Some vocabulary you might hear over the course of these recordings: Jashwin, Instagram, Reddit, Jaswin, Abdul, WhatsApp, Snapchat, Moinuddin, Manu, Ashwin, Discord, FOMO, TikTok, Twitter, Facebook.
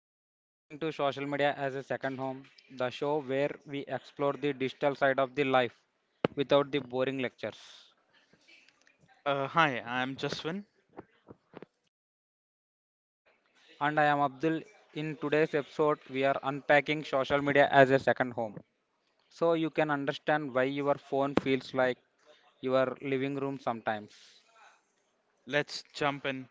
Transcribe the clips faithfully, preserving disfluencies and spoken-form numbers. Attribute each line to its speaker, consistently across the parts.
Speaker 1: You are listening to Social Media as a Second Home, the show where we explore the digital side of the life without the boring lectures.
Speaker 2: Uh, hi, I'm Jaswin.
Speaker 1: And I am Abdul. In today's episode, we are unpacking social media as a second home, so you can understand why your phone feels like your living room sometimes.
Speaker 2: Let's jump in.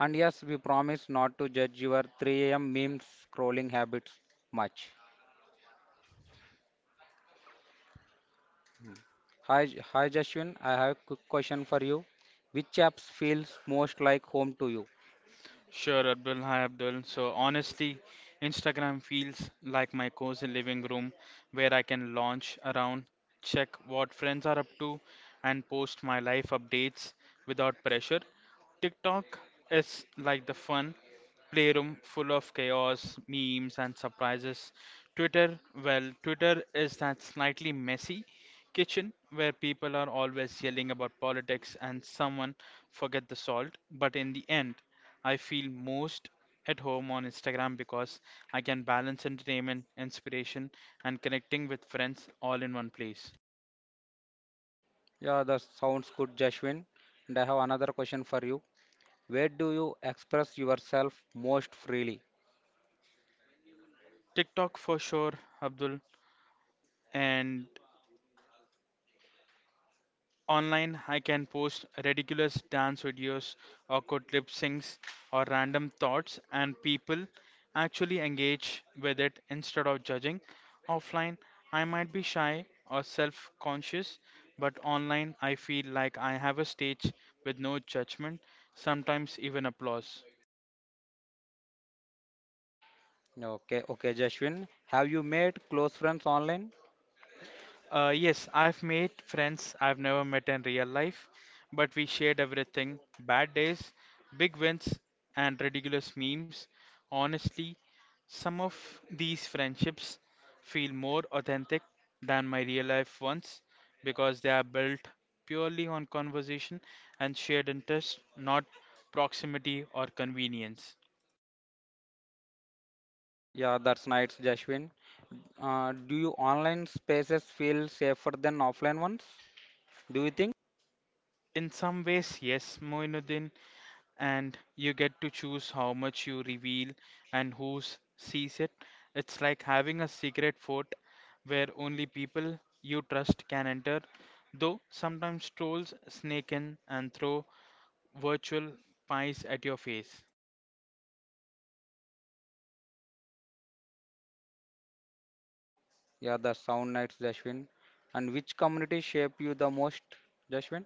Speaker 1: And yes, we promise not to judge your three a m meme scrolling habits much. Hi, J- hi Jashwin, I have a quick question for you. Which apps feels most like home to you?
Speaker 2: Sure, Abdul. Hi, Abdul. So, honestly, Instagram feels like my cozy living room where I can launch around, check what friends are up to, and post my life updates without pressure. TikTok is like the fun playroom full of chaos, memes, and surprises. Twitter, well, Twitter is that slightly messy kitchen where people are always yelling about politics and someone forget the salt, but in the end, I feel most at home on Instagram because I can balance entertainment, inspiration, and connecting with friends all in one place.
Speaker 1: Yeah, that sounds good, Jashwin. And I have another question for you. Where do you express yourself most freely?
Speaker 2: TikTok for sure, Abdul, and online, I can post ridiculous dance videos, awkward lip syncs, or random thoughts, and people actually engage with it instead of judging. Offline, I might be shy or self conscious, but online, I feel like I have a stage with no judgment, sometimes even applause.
Speaker 1: Okay, okay, Jashwin. Have you made close friends online?
Speaker 2: Uh, yes, I've made friends I've never met in real life, but we shared everything bad days, big wins, and ridiculous memes. Honestly, some of these friendships feel more authentic than my real life ones because they are built purely on conversation and shared interest, not proximity or convenience.
Speaker 1: Yeah, that's nice, Jashwin. Uh, do you online spaces feel safer than offline ones? Do you think?
Speaker 2: In some ways, yes, Moinuddin, and you get to choose how much you reveal and who s- sees it. It's like having a secret fort where only people you trust can enter, though sometimes trolls snake in and throw virtual pies at your face.
Speaker 1: Yeah, that sound nice, Jashwin. And which community shape you the most, Jashwin?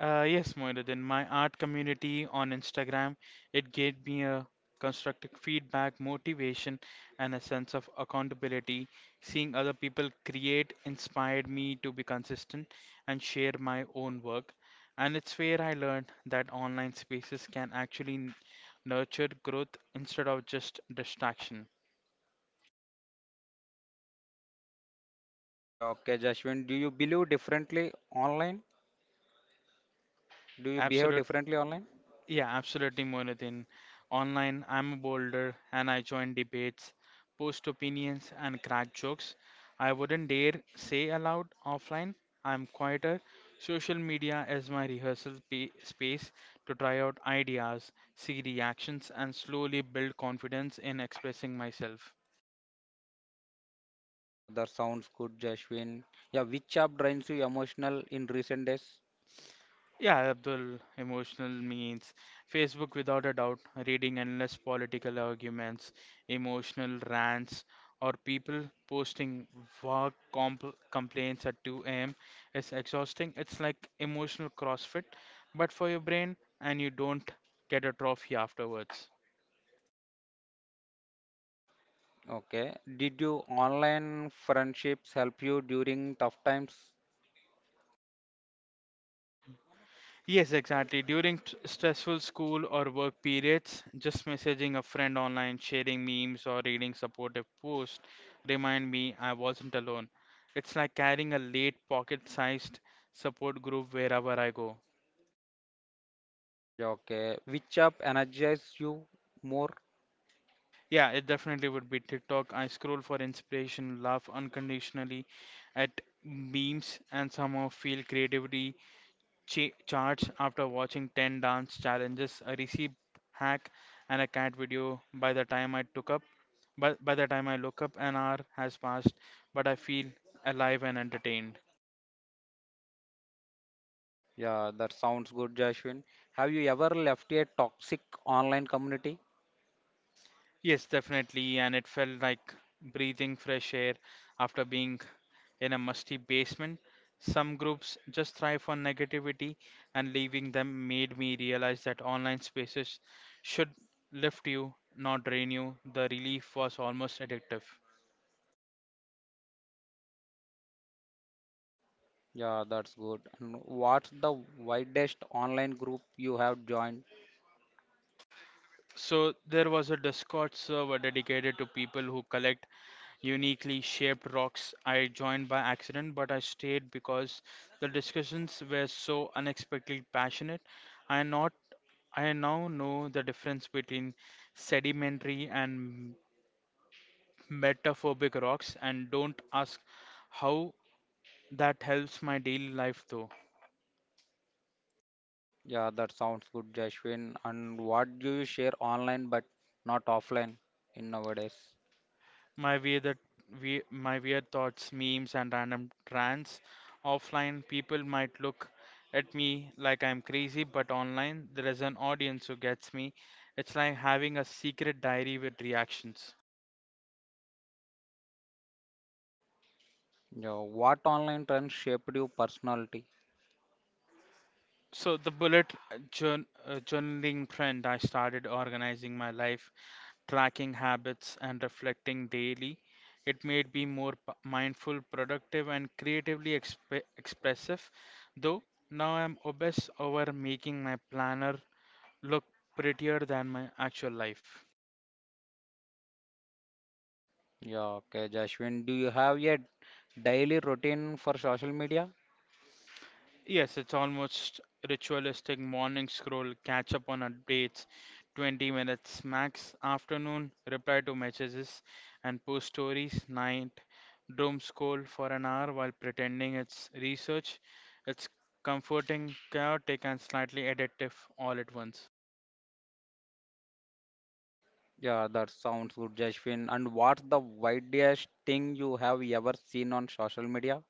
Speaker 2: Uh, yes, Moinuddin, my art community on Instagram, it gave me a constructive feedback, motivation, and a sense of accountability. Seeing other people create inspired me to be consistent and share my own work. And it's where I learned that online spaces can actually n- nurture growth instead of just distraction.
Speaker 1: Yeah, okay, Jashwin. Do you believe differently online? Do you behave
Speaker 2: Absolute
Speaker 1: differently online?
Speaker 2: Yeah, absolutely, Moinuddin. Online, I'm a boulder and I join debates, post opinions, and crack jokes. I wouldn't dare say aloud offline. I'm quieter. Social media is my rehearsal pa- space to try out ideas, see reactions, and slowly build confidence in expressing myself.
Speaker 1: Yeah, that sounds good, Jashwin. Yeah, which app drains you emotional in recent days?
Speaker 2: Yeah, Abdul, emotional means Facebook without a doubt, reading endless political arguments, emotional rants, or people posting vague compl complaints at two a m is exhausting. It's like emotional CrossFit, but for your brain, and you don't get a trophy afterwards.
Speaker 1: Okay. Did you online friendships help you during tough times?
Speaker 2: Yes, exactly. During t- stressful school or work periods, just messaging a friend online, sharing memes, or reading supportive posts remind me I wasn't alone. It's like carrying a late pocket-sized support group wherever I go.
Speaker 1: Yeah, okay. Which app energizes you more?
Speaker 2: Yeah, it definitely would be TikTok. I scroll for inspiration, laugh unconditionally at memes, and somehow feel creativity ch- charts after watching ten dance challenges, a recipe hack, and a cat video. By the time I took up, by, by the time I look up, an hour has passed, but I feel alive and entertained.
Speaker 1: Yeah, that sounds good, Jashwin. Have you ever left a toxic online community?
Speaker 2: Yes, definitely, and it felt like breathing fresh air after being in a musty basement. Some groups just thrive on negativity, and leaving them made me realize that online spaces should lift you, not drain you. The relief was almost addictive.
Speaker 1: Yeah, that's good. And what's the widest online group you have joined?
Speaker 2: So there was a Discord server dedicated to people who collect uniquely shaped rocks. I joined by accident, but I stayed because the discussions were so unexpectedly passionate. I not I now know the difference between sedimentary and metamorphic rocks and don't ask how that helps my daily life though.
Speaker 1: Yeah, that sounds good, Jashwin. And what do you share online but not offline in nowadays?
Speaker 2: My weird, that we, my weird thoughts, memes, and random rants. Offline, people might look at me like I'm crazy, but online, there is an audience who gets me. It's like having a secret diary with reactions.
Speaker 1: Yeah, what online trends shaped your personality?
Speaker 2: So the bullet jour- uh, journaling trend, I started organizing my life, tracking habits, and reflecting daily. It made me more p- mindful, productive, and creatively exp- expressive. Though now I'm obsessed over making my planner look prettier than my actual life.
Speaker 1: Yeah, okay, Jashwin, do you have a daily routine for social media?
Speaker 2: Yes, it's almost ritualistic morning scroll, catch up on updates, twenty minutes max, afternoon reply to messages and post stories, night doom scroll for an hour while pretending it's research. It's comforting, chaotic, and slightly addictive all at once.
Speaker 1: Yeah, that sounds good, Jashwin. And what's the widest thing you have ever seen on social media?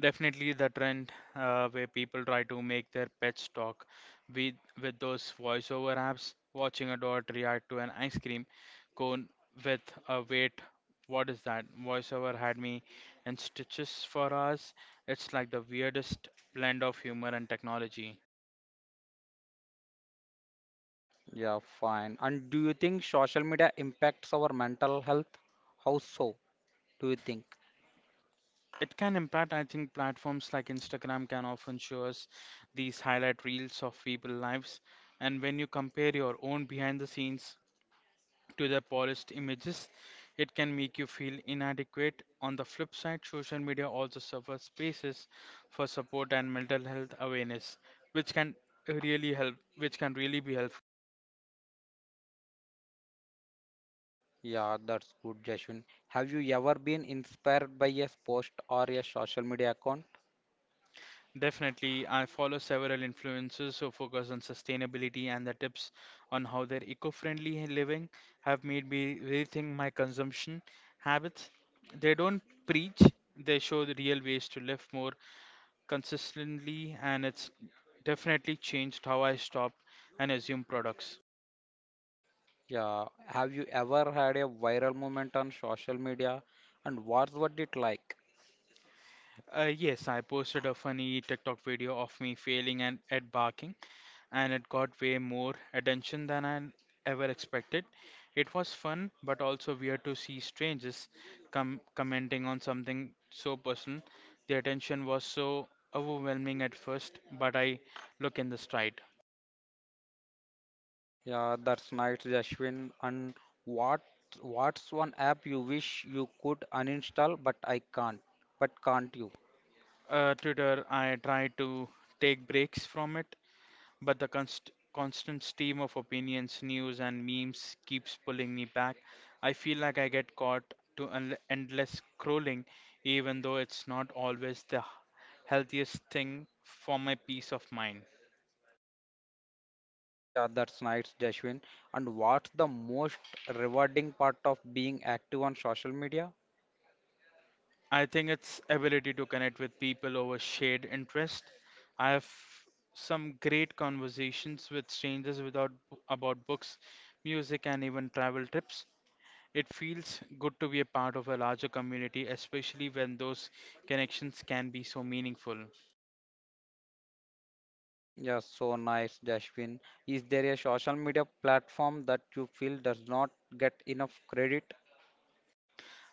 Speaker 2: Definitely the trend uh, where people try to make their pets talk with with those voiceover apps, watching a dog react to an ice cream cone with a wait, what is that? Voiceover had me in stitches for us. It's like the weirdest blend of humor and technology.
Speaker 1: Yeah, fine. And do you think social media impacts our mental health? How so, do you think?
Speaker 2: It can impact, I think, platforms like Instagram can often show us these highlight reels of people lives. And when you compare your own behind the scenes to the polished images, it can make you feel inadequate. On the flip side, social media also serves spaces for support and mental health awareness, which can really help, which can really be helpful.
Speaker 1: Yeah, that's good, Jashwin. Have you ever been inspired by a post or a social media account?
Speaker 2: Definitely, I follow several influencers who focus on sustainability and the tips on how their eco-friendly living have made me rethink my consumption habits. They don't preach, they show the real ways to live more consistently, and it's definitely changed how I stop and assume products.
Speaker 1: Yeah, have you ever had a viral moment on social media and what's what it like?
Speaker 2: Uh, yes, I posted a funny TikTok video of me failing and at barking, and it got way more attention than I ever expected. It was fun, but also weird to see strangers com- commenting on something so personal. The attention was so overwhelming at first, but I look in the stride.
Speaker 1: Yeah, that's nice, Jashwin. And what what's one app you wish you could uninstall but I can't? But can't you?
Speaker 2: Uh, Twitter, I try to take breaks from it, but the const- constant stream of opinions, news, and memes keeps pulling me back. I feel like I get caught to un- endless scrolling, even though it's not always the h- healthiest thing for my peace of mind.
Speaker 1: Yeah, that's nice, Jashwin. And what's the most rewarding part of being active on social media?
Speaker 2: I think it's ability to connect with people over shared interest. I have some great conversations with strangers without about books, music, and even travel trips. It feels good to be a part of a larger community, especially when those connections can be so meaningful.
Speaker 1: Yeah, so nice, Jashwin. Is there a social media platform that you feel does not get enough credit?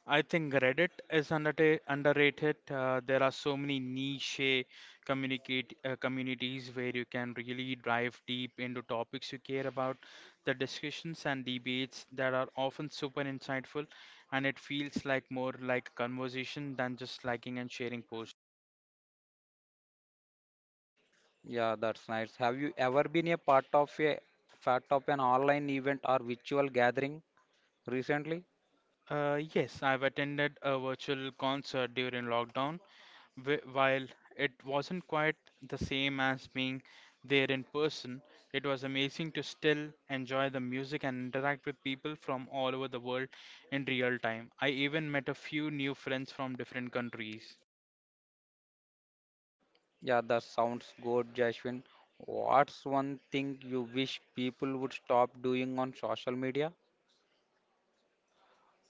Speaker 2: I think Reddit is underta- underrated. Uh, there are so many niche uh, communicate uh, communities where you can really dive deep into topics you care about. The discussions and debates that are often super insightful, and it feels like more like a conversation than just liking and sharing posts.
Speaker 1: Yeah, that's nice. Have you ever been a part of a part of an online event or virtual gathering recently?
Speaker 2: Uh, yes, I've attended a virtual concert during lockdown. Wh- While it wasn't quite the same as being there in person, it was amazing to still enjoy the music and interact with people from all over the world in real time. I even met a few new friends from different countries.
Speaker 1: Yeah, that sounds good, Jashwin. What's one thing you wish people would stop doing on social media?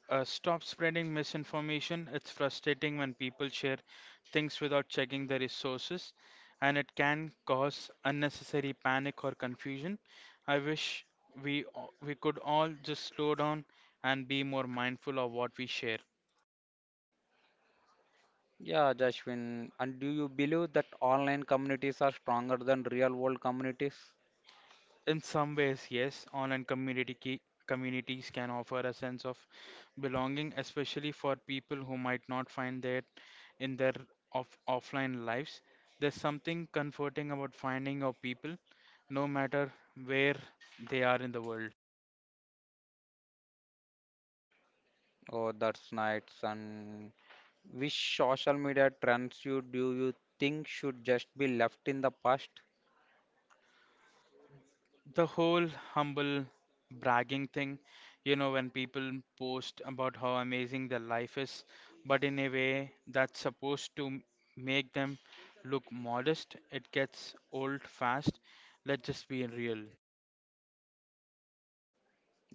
Speaker 2: Uh, stop spreading misinformation. It's frustrating when people share things without checking the resources, and it can cause unnecessary panic or confusion. I wish we a- we could all just slow down and be more mindful of what we share.
Speaker 1: Yeah, Jashwin. And do you believe that online communities are stronger than real world communities?
Speaker 2: In some ways, yes, online community key, communities can offer a sense of belonging, especially for people who might not find that in their off, offline lives. There's something comforting about finding our people, no matter where they are in the world.
Speaker 1: Oh, that's nice. And which social media trends you do you think should just be left in the past?
Speaker 2: The whole humble bragging thing, you know, when people post about how amazing their life is, but in a way that's supposed to m- make them look modest, it gets old fast. Let's just be real.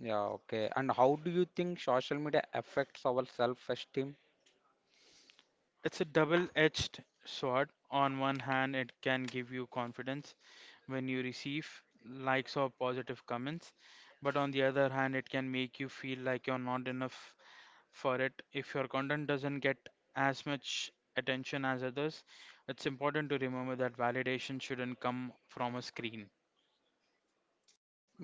Speaker 1: Yeah, okay. And how do you think social media affects our self-esteem?
Speaker 2: It's a double-edged sword. On one hand, it can give you confidence when you receive likes or positive comments, but on the other hand, it can make you feel like you're not enough for it. If your content doesn't get as much attention as others, it's important to remember that validation shouldn't come from a screen.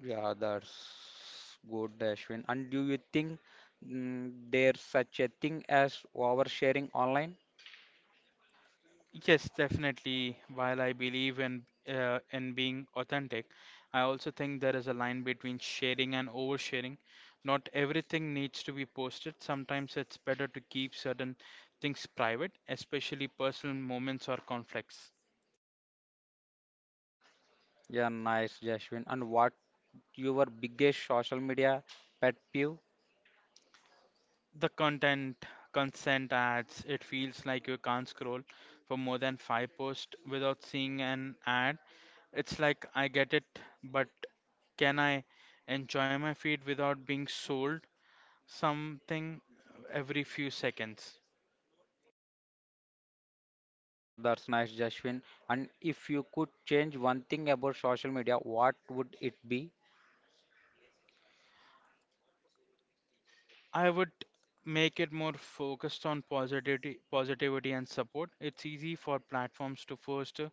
Speaker 1: Yeah, that's good, Ashwin. And do you think, mm, there's such a thing as oversharing online?
Speaker 2: Yes, definitely. While I believe in uh, in being authentic, I also think there is a line between sharing and oversharing. Not everything needs to be posted. Sometimes it's better to keep certain things private, especially personal moments or conflicts.
Speaker 1: Yeah, nice, Ashwin. And what your biggest social media pet peeve?
Speaker 2: The content consent ads, it feels like you can't scroll for more than five posts without seeing an ad. It's like I get it, but can I enjoy my feed without being sold something every few seconds?
Speaker 1: Yeah, that's nice, Ashwin. And if you could change one thing about social media, what would it be?
Speaker 2: I would make it more focused on positivity, positivity and support. It's easy for platforms to foster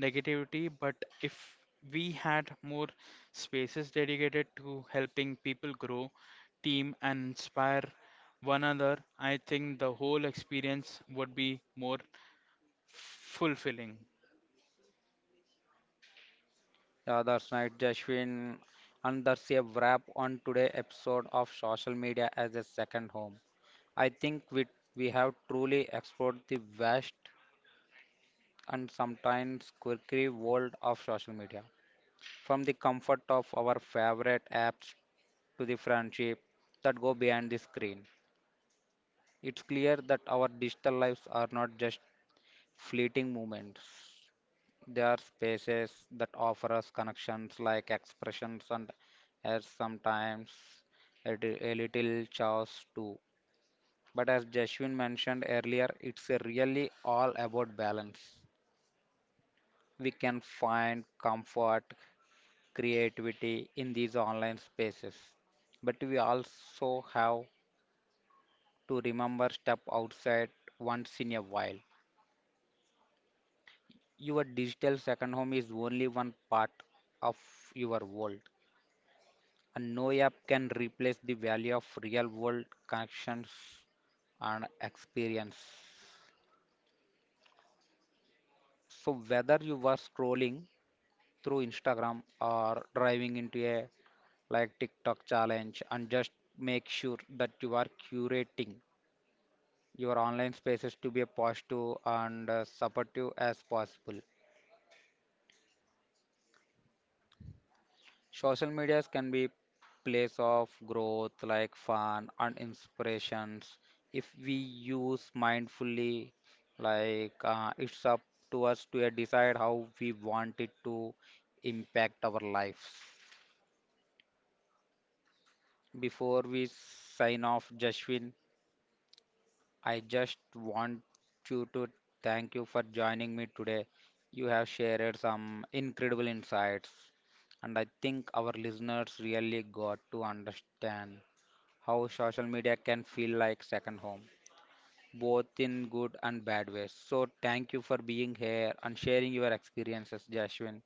Speaker 2: negativity, but if we had more spaces dedicated to helping people grow, team, and inspire one another, I think the whole experience would be more fulfilling.
Speaker 1: Yeah, that's nice, Ashwin. And that's a wrap on today's episode of Social Media as a Second Home. I think we, we have truly explored the vast and sometimes quirky world of social media. From the comfort of our favorite apps to the friendship that go behind the screen, it's clear that our digital lives are not just fleeting moments. They are spaces that offer us connections like expressions and as sometimes a, di- a little chaos too. But as Jashwin mentioned earlier, it's a really all about balance. We can find comfort, creativity in these online spaces. But we also have to remember step outside once in a while. Your digital second home is only one part of your world. And no app can replace the value of real world connections and experience. So whether you were scrolling through Instagram or driving into a like TikTok challenge and just make sure that you are curating your online spaces to be as positive and uh, supportive as possible. Social medias can be place of growth like fun and inspirations if we use mindfully like uh, it's up to us to uh, decide how we want it to impact our lives before we sign off, Jashwin. I just want you to thank you for joining me today. You have shared some incredible insights, and I think our listeners really got to understand how social media can feel like second home, both in good and bad ways. So, thank you for being here and sharing your experiences, Jashwin.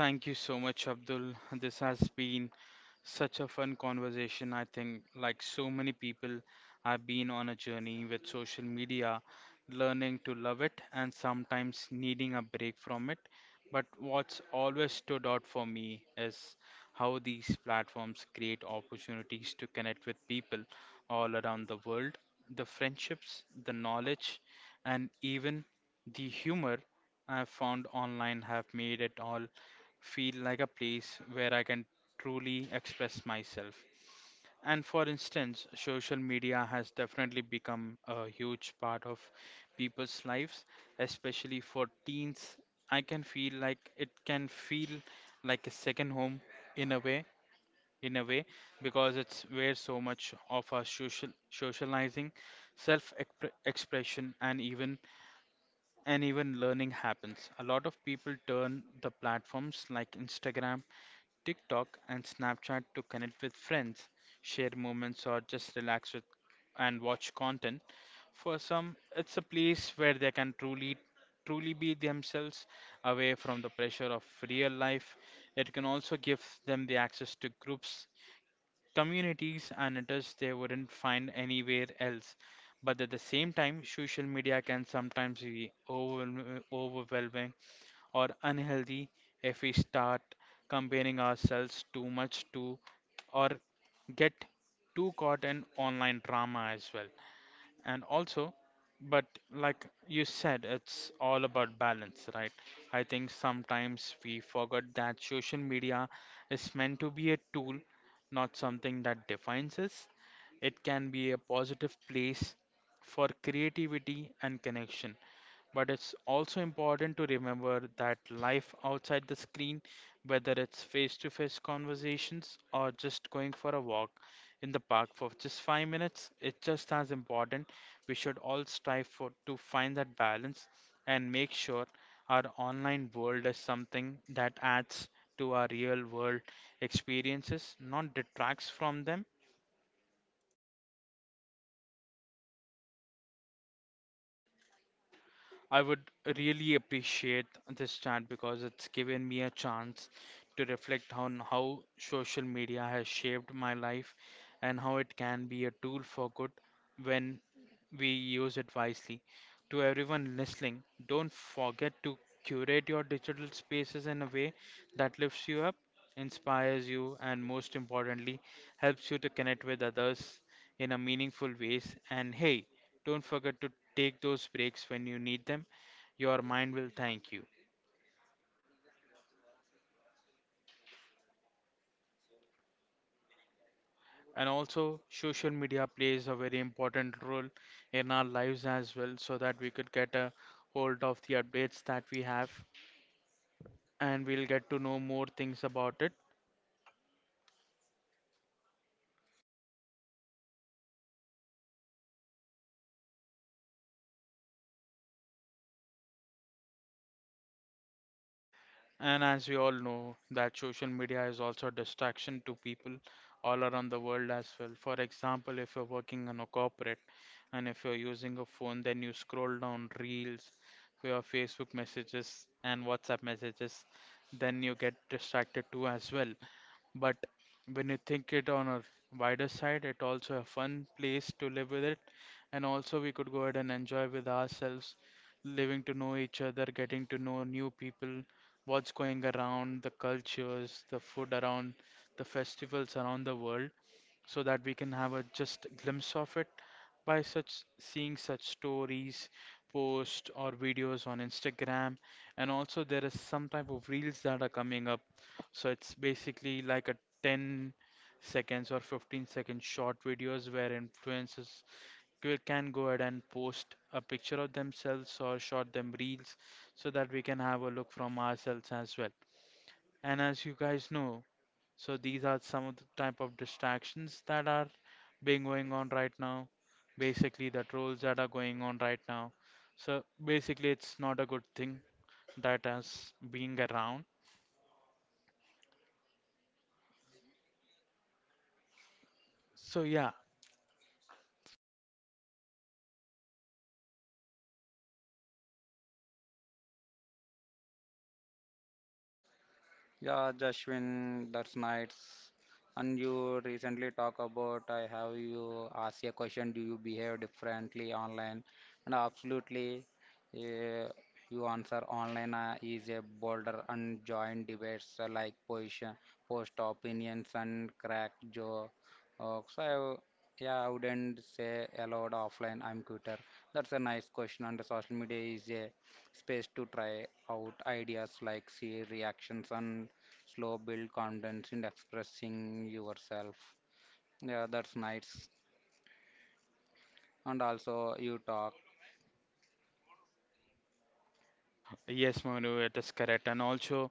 Speaker 2: Thank you so much, Abdul. This has been such a fun conversation. I think, like so many people, I've been on a journey with social media, learning to love it and sometimes needing a break from it. But what's always stood out for me is how these platforms create opportunities to connect with people all around the world. The friendships, the knowledge, and even the humor I've found online have made it all feel like a place where I can truly express myself. And for instance, social media has definitely become a huge part of people's lives, especially for teens. I can feel like it can feel like a second home in a way, in a way, because it's where so much of our social socializing, self-expression, and even and even learning happens. A lot of people turn the platforms like Instagram, TikTok, and Snapchat to connect with friends, share moments, or just relax with and watch content. For some, it's a place where they can truly truly be themselves away from the pressure of real life. It can also give them the access to groups, communities, and interests they wouldn't find anywhere else. But at the same time, social media can sometimes be overwhelm- overwhelming or unhealthy if we start comparing ourselves too much to or get too caught in online drama as well. And also, but like you said, it's all about balance, right? I think sometimes we forget that social media is meant to be a tool, not something that defines us. It can be a positive place for creativity and connection, but it's also important to remember that life outside the screen, whether it's face to face conversations or just going for a walk in the park for just five minutes, it's just as important. We should all strive for to find that balance and make sure our online world is something that adds to our real world experiences, not detracts from them. I would really appreciate this chat because it's given me a chance to reflect on how social media has shaped my life and how it can be a tool for good when we use it wisely. To everyone listening, don't forget to curate your digital spaces in a way that lifts you up, inspires you, and most importantly, helps you to connect with others in a meaningful ways. And hey, don't forget to take those breaks when you need them. Your mind will thank you. And also, social media plays a very important role in our lives as well, so that we could get a hold of the updates that we have and we'll get to know more things about it. And as we all know, that social media is also a distraction to people all around the world as well. For example, if you're working in a corporate and if you're using a phone, then you scroll down reels, your Facebook messages, and WhatsApp messages, then you get distracted too as well. But when you think it on a wider side, it also a fun place to live with it. And also we could go ahead and enjoy with ourselves, living to know each other, getting to know new people, what's going around, the cultures, the food around, the festivals around the world so that we can have a just glimpse of it by such seeing such stories, posts or videos on Instagram. And also there is some type of reels that are coming up. So it's basically like a ten seconds or fifteen second short videos where influencers c- can go ahead and post a picture of themselves or short them reels so that we can have a look from ourselves as well. And as you guys know, so these are some of the type of distractions that are being going on right now. Basically, the trolls that are going on right now. So basically, it's not a good thing that has being around. So yeah,
Speaker 1: Yeah, Jashwin, that's nice. And you recently talk about I have you ask a question, do you behave differently online? And absolutely, uh, you answer online uh, is a bolder and joint debates uh, like position, post opinions and crack joke. Uh, so I, yeah, I wouldn't say allowed offline. I'm quitter. That's a nice question. And the social media is a space to try out ideas like see reactions and slow build confidence in expressing yourself. Yeah, that's nice. And also you talk.
Speaker 2: yes, Manu, it is correct. And also,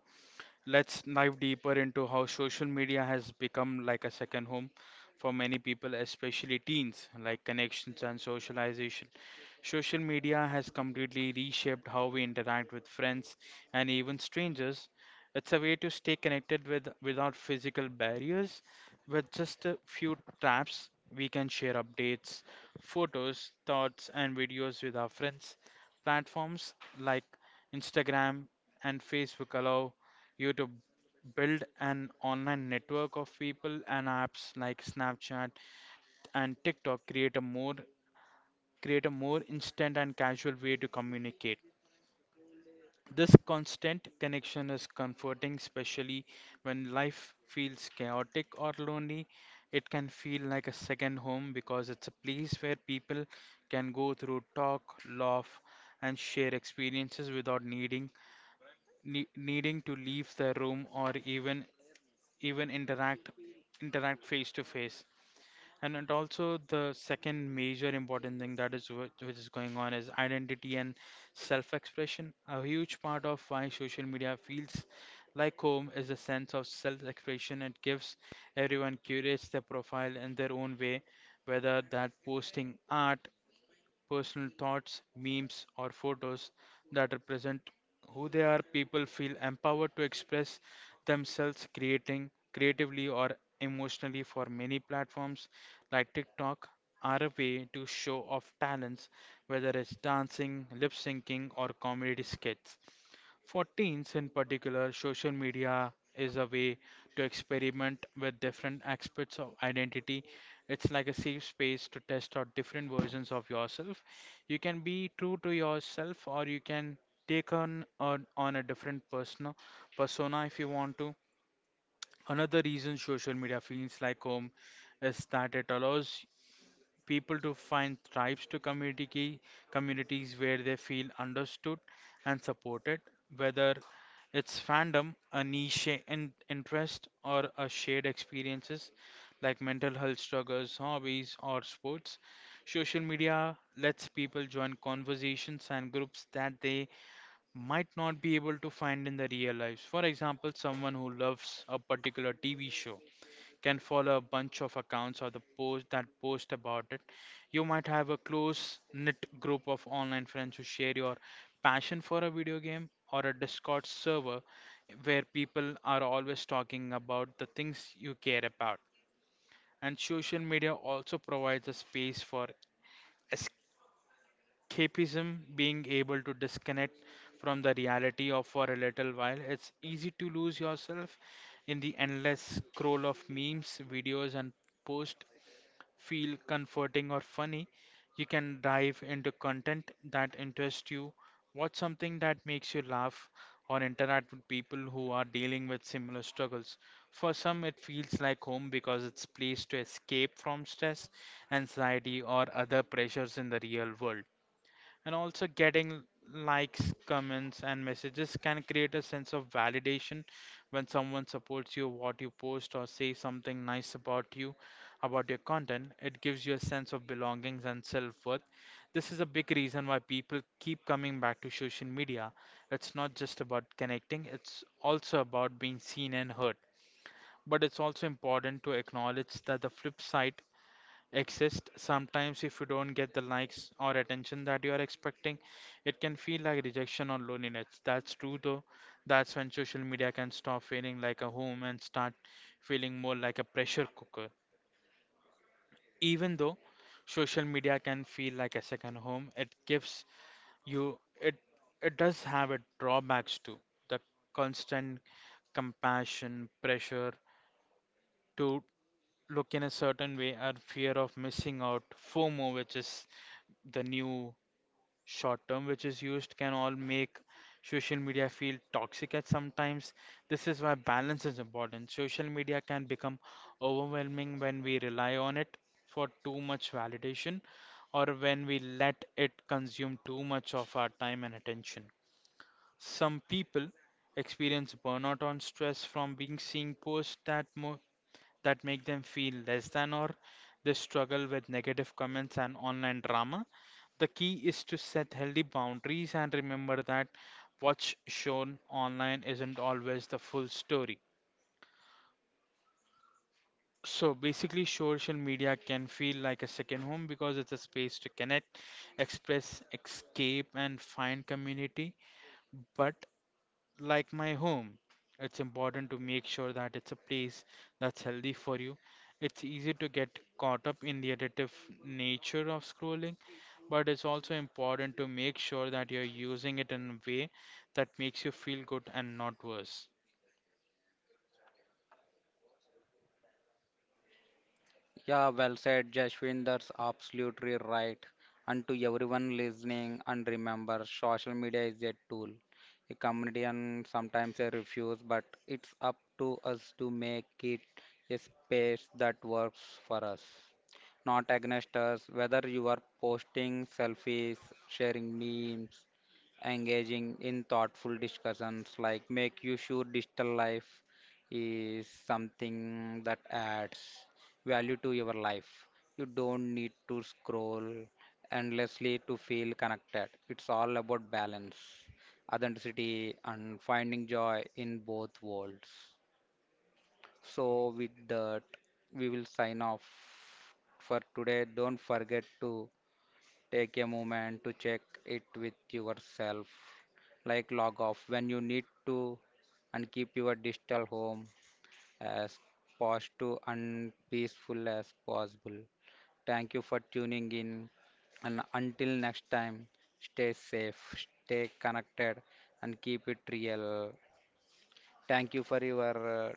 Speaker 2: let's dive deeper into how social media has become like a second home for many people, especially teens, like connections and socialization. Social media has completely reshaped how we interact with friends and even strangers. It's a way to stay connected with without physical barriers. With just a few taps, we can share updates, photos, thoughts, and videos with our friends. Platforms like Instagram and Facebook allow you to build an online network of people, and apps like Snapchat and TikTok create a more create a more instant and casual way to communicate. This constant connection is comforting, especially when life feels chaotic or lonely. It can feel like a second home because it's a place where people can go through talk, laugh, and share experiences without needing ne- needing to leave their room or even even interact interact face to face. And and also the second major important thing that is whi- which is going on is identity and self-expression. A huge part of why social media feels like home is a sense of self-expression. It gives everyone curates their profile in their own way, whether that posting art, personal thoughts, memes, or photos that represent who they are, people feel empowered to express themselves creating creatively or emotionally for many platforms like TikTok are a way to show off talents, whether it's dancing, lip syncing, or comedy skits. For teens in particular, social media is a way to experiment with different aspects of identity. It's like a safe space to test out different versions of yourself. You can be true to yourself or you can take on on, on a different persona persona if you want to. Another reason social media feels like home is that it allows people to find tribes to community key- communities where they feel understood and supported, whether it's fandom, a niche in, interest, or a shared experiences like mental health struggles, hobbies, or sports. Social media lets people join conversations and groups that they might not be able to find in the real lives. For example, someone who loves a particular T V show can follow a bunch of accounts or the post that post about it. You might have a close knit group of online friends who share your passion for a video game or a Discord server where people are always talking about the things you care about. And social media also provides a space for escapism, being able to disconnect from the reality of for a little while. It's easy to lose yourself in the endless scroll of memes, videos, and posts feel comforting or funny, you can dive into content that interests you, watch something that makes you laugh, or interact with people who are dealing with similar struggles. For some, it feels like home because it's a place to escape from stress, anxiety, or other pressures in the real world. And also, getting likes, comments, and messages can create a sense of validation when someone supports you, what you post, or say something nice about you, about your content. It gives you a sense of belongings and self-worth. This is a big reason why people keep coming back to social media. It's not just about connecting, it's also about being seen and heard. But it's also important to acknowledge that the flip side exist. Sometimes, if you don't get the likes or attention that you are expecting, it can feel like rejection or loneliness. That's true, though. That's when social media can stop feeling like a home and start feeling more like a pressure cooker. Even though social media can feel like a second home, it gives you it it does have its drawbacks too. The constant compassion, pressure to look in a certain way, or fear of missing out, FOMO, which is the new short term which is used can all make social media feel toxic at sometimes. This is why balance is important. Social media can become overwhelming when we rely on it for too much validation or when we let it consume too much of our time and attention. Some people experience burnout on stress from being seeing posts that that make them feel less than or they struggle with negative comments and online drama. The key is to set healthy boundaries and remember that what's shown online isn't always the full story. So basically, social media can feel like a second home because it's a space to connect, express, escape, and find community. But like my home. It's important to make sure that it's a place that's healthy for you. It's easy to get caught up in the addictive nature of scrolling, but it's also important to make sure that you're using it in a way that makes you feel good and not worse.
Speaker 1: Yeah, well said, Jashwin. That's absolutely right. And to everyone listening, and remember, social media is a tool. A community, and sometimes a refuse, but it's up to us to make it a space that works for us, not against us. Whether you are posting selfies, sharing memes, engaging in thoughtful discussions like make you sure digital life is something that adds value to your life. You don't need to scroll endlessly to feel connected. It's all about balance, authenticity, and finding joy in both worlds. So, with that, we will sign off for today. Don't forget to take a moment to check it with yourself, like log off when you need to, and keep your digital home as fast to and peaceful as possible. Thank you for tuning in. And until next time, stay safe, stay connected, and keep it real. Thank you for your uh,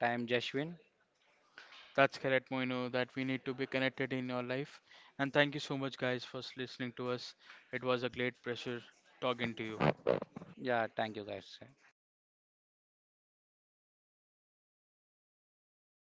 Speaker 1: time, Jashwin.
Speaker 2: That's correct, Moino, that we need to be connected in your life. And thank you so much, guys, for s- listening to us. It was a great pleasure talking to you.
Speaker 1: Yeah, thank you, guys.